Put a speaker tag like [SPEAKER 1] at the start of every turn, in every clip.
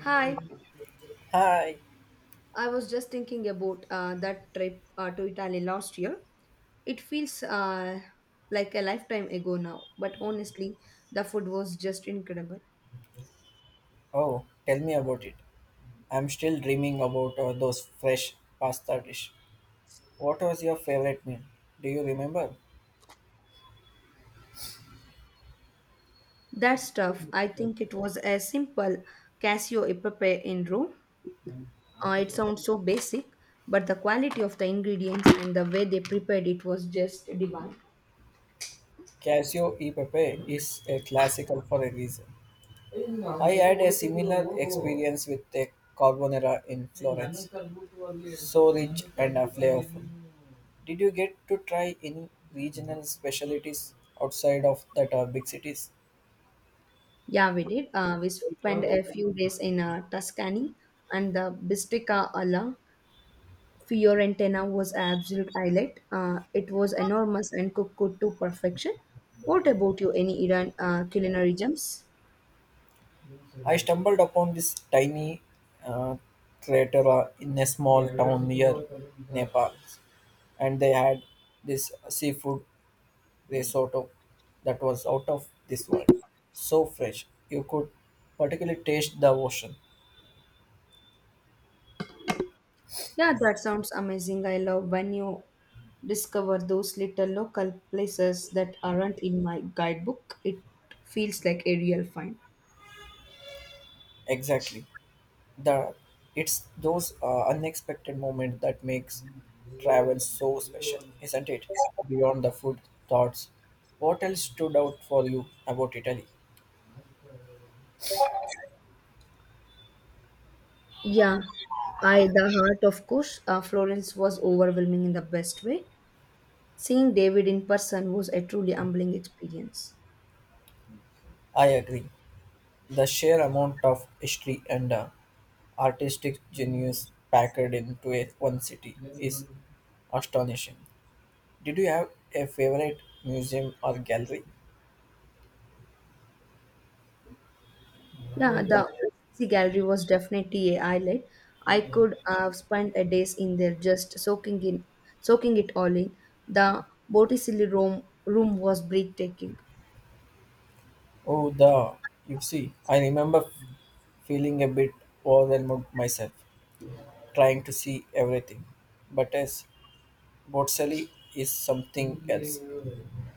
[SPEAKER 1] Hi,
[SPEAKER 2] Hi.
[SPEAKER 1] I was just thinking about that trip to Italy last year. It feels like a lifetime ago now, but honestly, the food was just incredible.
[SPEAKER 2] Oh, tell me about it. I'm still dreaming about those fresh pasta dish. What was your favorite meal? Do you remember?
[SPEAKER 1] That stuff, I think it was a simple Casio e pepe in Rome. It sounds so basic, but the quality of the ingredients and the way they prepared it was just divine.
[SPEAKER 2] Casio e pepe is a classical for a reason. I had a similar experience with a carbonara in Florence. So rich and flavorful. Did you get to try any regional specialties outside of that big cities?
[SPEAKER 1] Yeah, we did. We spent a few days in Tuscany and the Bistica alla. Fiorentina was an absolute highlight. It was enormous and cooked good to perfection. What about you? Any Iran culinary gems?
[SPEAKER 2] I stumbled upon this tiny uh, crater in a small town near Nepal, and they had this seafood risotto that was out of this world. So fresh, you could particularly taste the ocean.
[SPEAKER 1] Yeah, that sounds amazing. I love when you discover those little local places that aren't in my guidebook. It feels like a real find.
[SPEAKER 2] Exactly, the it's those unexpected moments that makes travel so special, isn't it? Beyond the food thoughts, what else stood out for you about Italy?
[SPEAKER 1] Yeah, I the heart of course. Florence was overwhelming in the best way. Seeing David in person was a truly humbling experience.
[SPEAKER 2] I agree. The sheer amount of history and artistic genius packed into one city is astonishing. Did you have a favorite museum or gallery?
[SPEAKER 1] Yeah, the OCC gallery was definitely a highlight. I could have spent a days in there just soaking it all in. The Botticelli room was breathtaking.
[SPEAKER 2] Oh, the you see, I remember feeling a bit overwhelmed myself, trying to see everything. But as Botticelli is something else.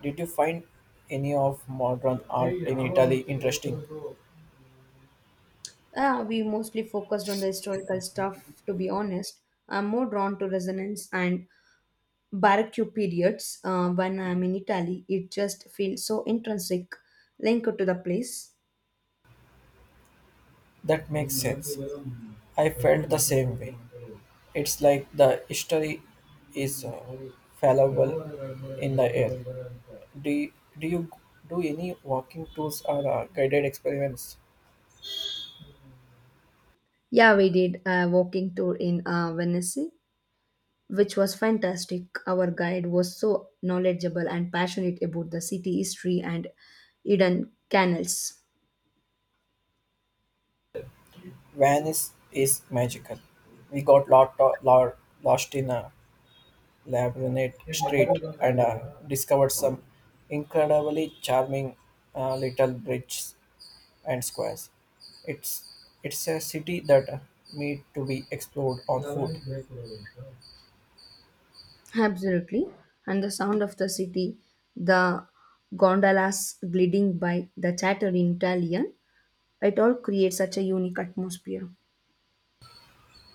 [SPEAKER 2] Did you find any of modern art in Italy interesting?
[SPEAKER 1] Yeah, we mostly focused on the historical stuff. To be honest, I'm more drawn to resonance and Baroque periods. When I'm in Italy, it just feels so intrinsic linked to the place.
[SPEAKER 2] That makes sense. I felt the same way. It's like the history is fallible in the air. Do, do you do any walking tours or guided experiments?
[SPEAKER 1] Yeah, we did a walking tour in Venice. Which was fantastic. Our guide was so knowledgeable and passionate about the city history and hidden canals.
[SPEAKER 2] Venice is magical. We got lot, lot lost in a labyrinth street and discovered some incredibly charming little bridges and squares. It's it's a city that need to be explored on foot.
[SPEAKER 1] Absolutely. And the sound of the city, the gondolas gliding by, the chatter in Italian, it all creates such a unique atmosphere.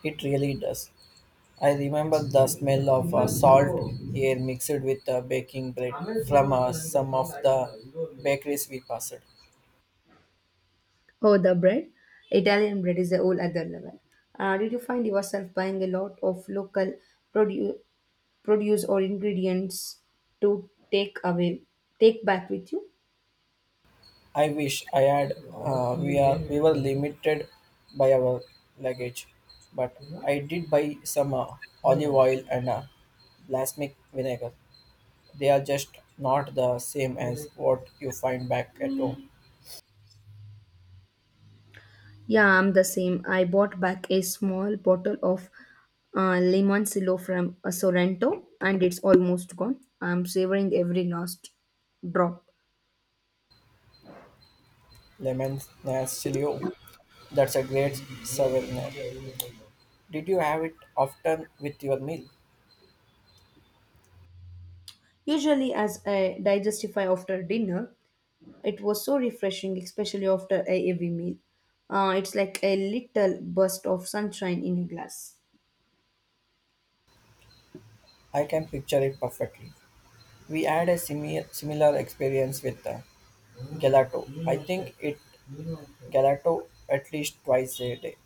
[SPEAKER 2] It really does. I remember the smell of salt air mixed with baking bread from some of the bakeries we passed.
[SPEAKER 1] Oh, the bread. Italian bread is a whole other level. Did you find yourself buying a lot of local produ- produce or ingredients to take back with you?
[SPEAKER 2] I wish I had. We were limited by our luggage, but I did buy some olive oil and balsamic vinegar. They are just not the same as what you find back at home.
[SPEAKER 1] Yeah, I'm the same. I bought back a small bottle of Limoncillo from Sorrento, and it's almost gone. I'm savoring every last drop.
[SPEAKER 2] Lemon Nastilo, that's a great souvenir. Did you have it often with your meal?
[SPEAKER 1] Usually, as I digestify after dinner, it was so refreshing, especially after a heavy meal. It's like a little burst of sunshine in a glass.
[SPEAKER 2] I can picture it perfectly. We had a similar experience with gelato. I think it gelato at least twice a day.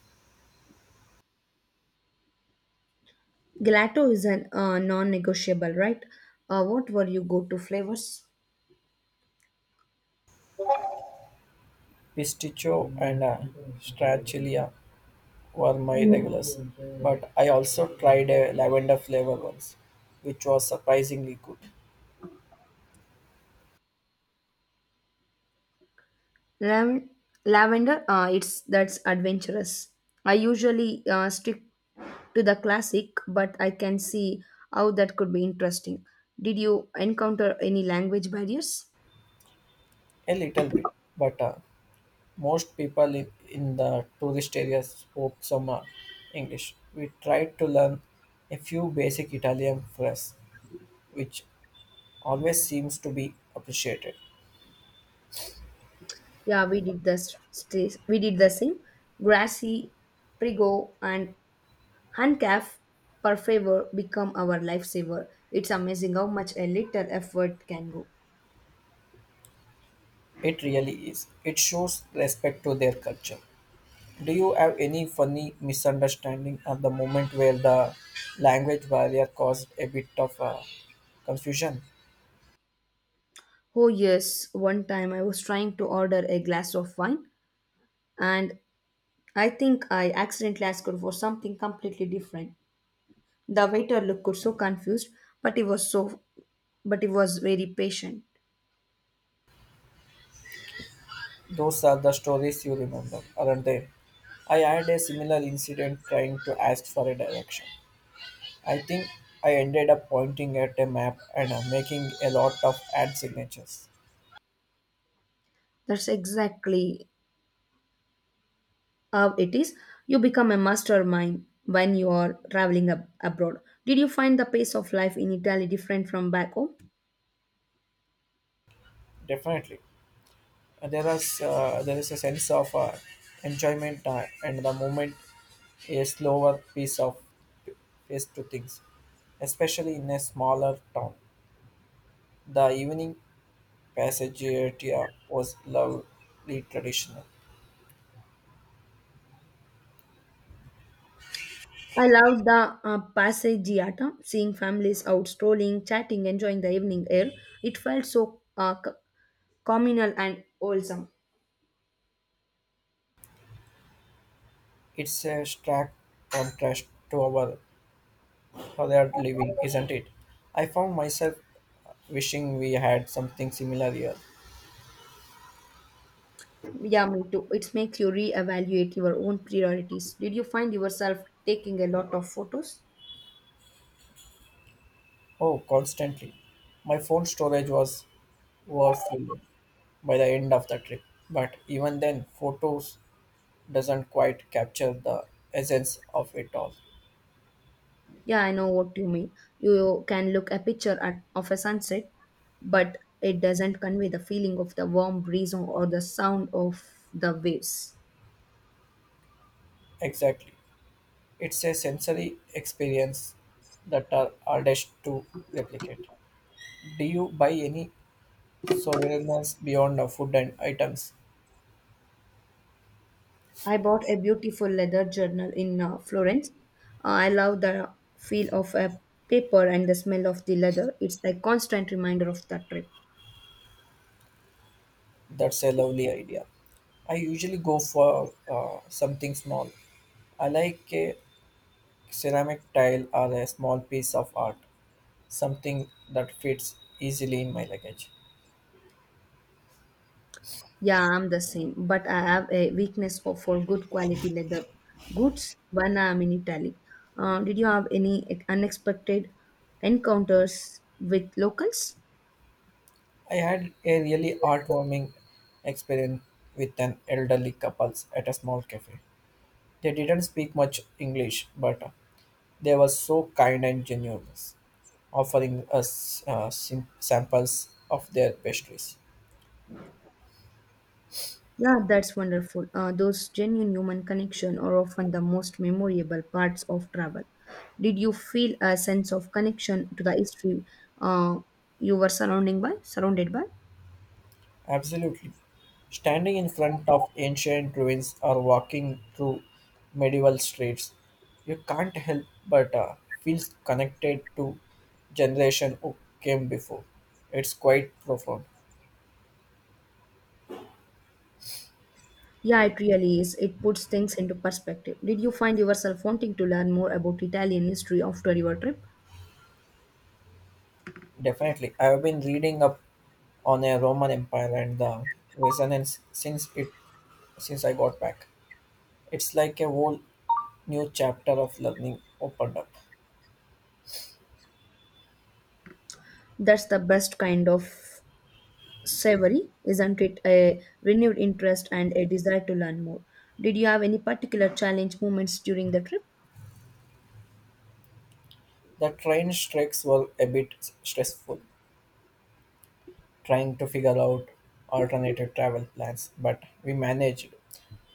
[SPEAKER 1] Gelato is an non negotiable, right? What were your go to flavors?
[SPEAKER 2] Pistachio and stracciatella were my regulars, but I also tried a lavender flavor once, which was surprisingly good.
[SPEAKER 1] Lav- lavender, it's that's adventurous. I usually stick to the classic, but I can see how that could be interesting. Did you encounter any language barriers?
[SPEAKER 2] A little bit, but most people in the tourist areas spoke some English. We tried to learn a few basic Italian phrases, which always seems to be appreciated.
[SPEAKER 1] Yeah, we did the same. Grassy, Prigo, and Handcaf per favor become our lifesaver. It's amazing how much a little effort can go.
[SPEAKER 2] It really is. It shows respect to their culture. Do you have any funny misunderstanding at the moment where the language barrier caused a bit of confusion?
[SPEAKER 1] Oh yes, one time I was trying to order a glass of wine and I think I accidentally asked her for something completely different. The waiter looked so confused, but he was so but he was very patient.
[SPEAKER 2] Those are the stories you remember, aren't they? I had a similar incident trying to ask for a direction. I think I ended up pointing at a map and making a lot of ad signatures.
[SPEAKER 1] That's exactly how it is. You become a mastermind when you are traveling abroad. Did you find the pace of life in Italy different from back home?
[SPEAKER 2] Definitely. There is a sense of enjoyment and the moment, a slower piece of pace to things, especially in a smaller town. The evening passage area was lovely traditional.
[SPEAKER 1] I loved the passeggiata, seeing families out strolling, chatting, enjoying the evening air. It felt so communal and wholesome.
[SPEAKER 2] It's a stark contrast to our other living, isn't it? I found myself wishing we had something similar here.
[SPEAKER 1] Yeah, me too. It makes you reevaluate your own priorities. Did you find yourself taking a lot of photos?
[SPEAKER 2] Oh, constantly. My phone storage was overfilled by the end of the trip, but even then, photos doesn't quite capture the essence of it all.
[SPEAKER 1] Yeah, I know what you mean. You can look a picture at, of a sunset, but it doesn't convey the feeling of the warm breeze or the sound of the waves.
[SPEAKER 2] Exactly. It's a sensory experience that are hardest to replicate. Do you buy any souvenirs beyond the food and items?
[SPEAKER 1] I bought a beautiful leather journal in Florence. I love the feel of a paper and the smell of the leather. It's a constant reminder of the trip.
[SPEAKER 2] That's a lovely idea. I usually go for something small. I like a ceramic tile or a small piece of art, something that fits easily in my luggage.
[SPEAKER 1] Yeah, I'm the same, but I have a for good quality leather goods when I'm in Italy. Did you have any unexpected encounters with locals?
[SPEAKER 2] I had a really heartwarming experience with an elderly couple at a small cafe. They didn't speak much English, but they were so kind and genuine, offering us samples of their pastries.
[SPEAKER 1] Yeah, that's wonderful. Those genuine human connection are often the most memorable parts of travel. Did you feel a sense of connection to the history uh, you were surrounding by, surrounded by?
[SPEAKER 2] Absolutely. Standing in front of ancient ruins or walking through medieval streets, you can't help but feel connected to generation who came before. It's quite profound.
[SPEAKER 1] Yeah, it really is. It puts things into perspective. Did you find yourself wanting to learn more about Italian history after your trip?
[SPEAKER 2] Definitely. I have been reading up on a Roman Empire and the resonance since I got back. It's like a whole new chapter of learning opened up.
[SPEAKER 1] That's the best kind of savory, isn't it? A renewed interest and a desire to learn more. Did you have any particular challenge moments during the trip?
[SPEAKER 2] The train strikes were a bit stressful, trying to figure out alternative travel plans, but we managed,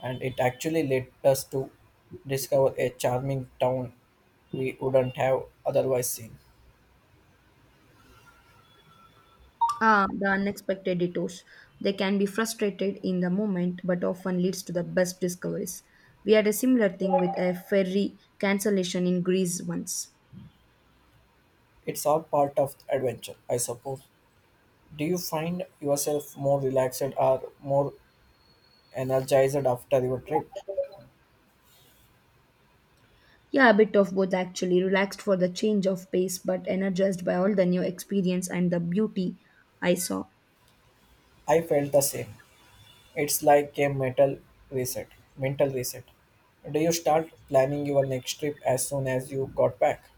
[SPEAKER 2] and it actually led us to discover a charming town we wouldn't have otherwise seen.
[SPEAKER 1] Ah, the unexpected detours. They can be frustrated in the moment, but often leads to the best discoveries. We had a similar thing with a ferry cancellation in Greece once.
[SPEAKER 2] It's all part of adventure, I suppose. Do you find yourself more relaxed or more energized after your trip?
[SPEAKER 1] Yeah, a bit of both actually. Relaxed for the change of pace, but energized by all the new experience and the beauty I saw.
[SPEAKER 2] I felt the same. It's like a mental reset. Mental reset. Do you start planning your next trip as soon as you got back?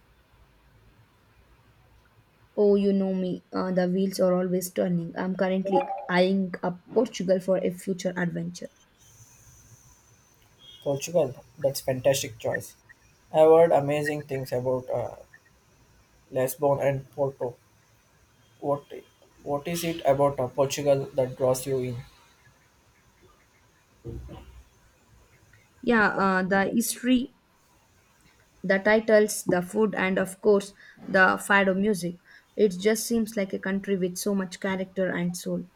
[SPEAKER 1] Oh, you know me, the wheels are always turning. I'm currently eyeing up Portugal for a future adventure.
[SPEAKER 2] Portugal, that's fantastic choice. I've heard amazing things about Lisbon and Porto. What what is it about Portugal that draws you in?
[SPEAKER 1] Yeah, the history, the titles, the food, and of course, the fado music. It just seems like a country with so much character and soul.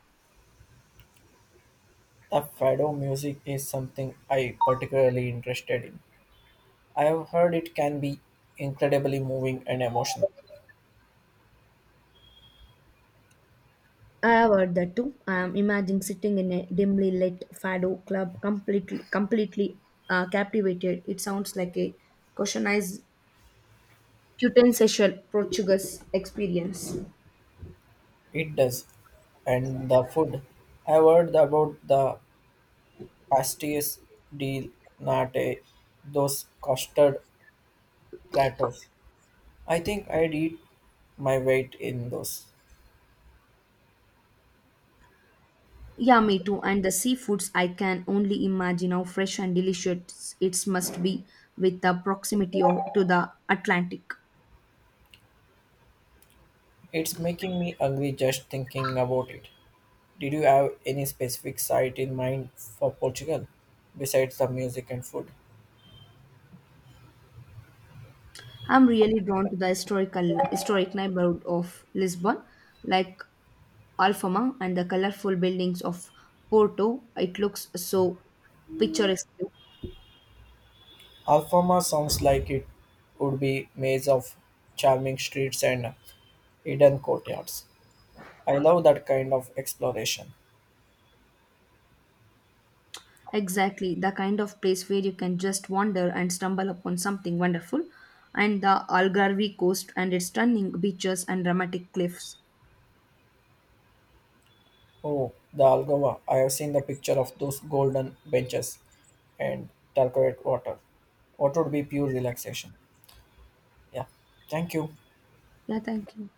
[SPEAKER 2] The fado music is something I particularly interested in. I have heard it can be incredibly moving and emotional.
[SPEAKER 1] I have heard that too. I am imagining sitting in a dimly lit fado club, completely captivated. It sounds like a cushionized, quintessential Portuguese experience.
[SPEAKER 2] It does, and the food. I've heard about the pastéis de nata, those custard platters. I think I'd eat my weight in those.
[SPEAKER 1] Yeah, me too. And the seafoods, I can only imagine how fresh and delicious it must be with the to the Atlantic.
[SPEAKER 2] It's making me angry just thinking about it. Did you have any specific site in mind for Portugal besides the music and food?
[SPEAKER 1] I'm really drawn to the historic neighborhood of Lisbon, like Alfama and the colorful buildings of Porto. It looks so picturesque.
[SPEAKER 2] Alfama sounds like it would be maze of charming streets and hidden courtyards. I love that kind of exploration.
[SPEAKER 1] Exactly, the kind of place where you can just wander and stumble upon something wonderful. And the Algarve coast and its stunning beaches and dramatic cliffs.
[SPEAKER 2] Oh, the Algova. I have seen the picture of those golden benches and turquoise water. What would be pure relaxation? Yeah. Thank you.
[SPEAKER 1] Yeah, thank you.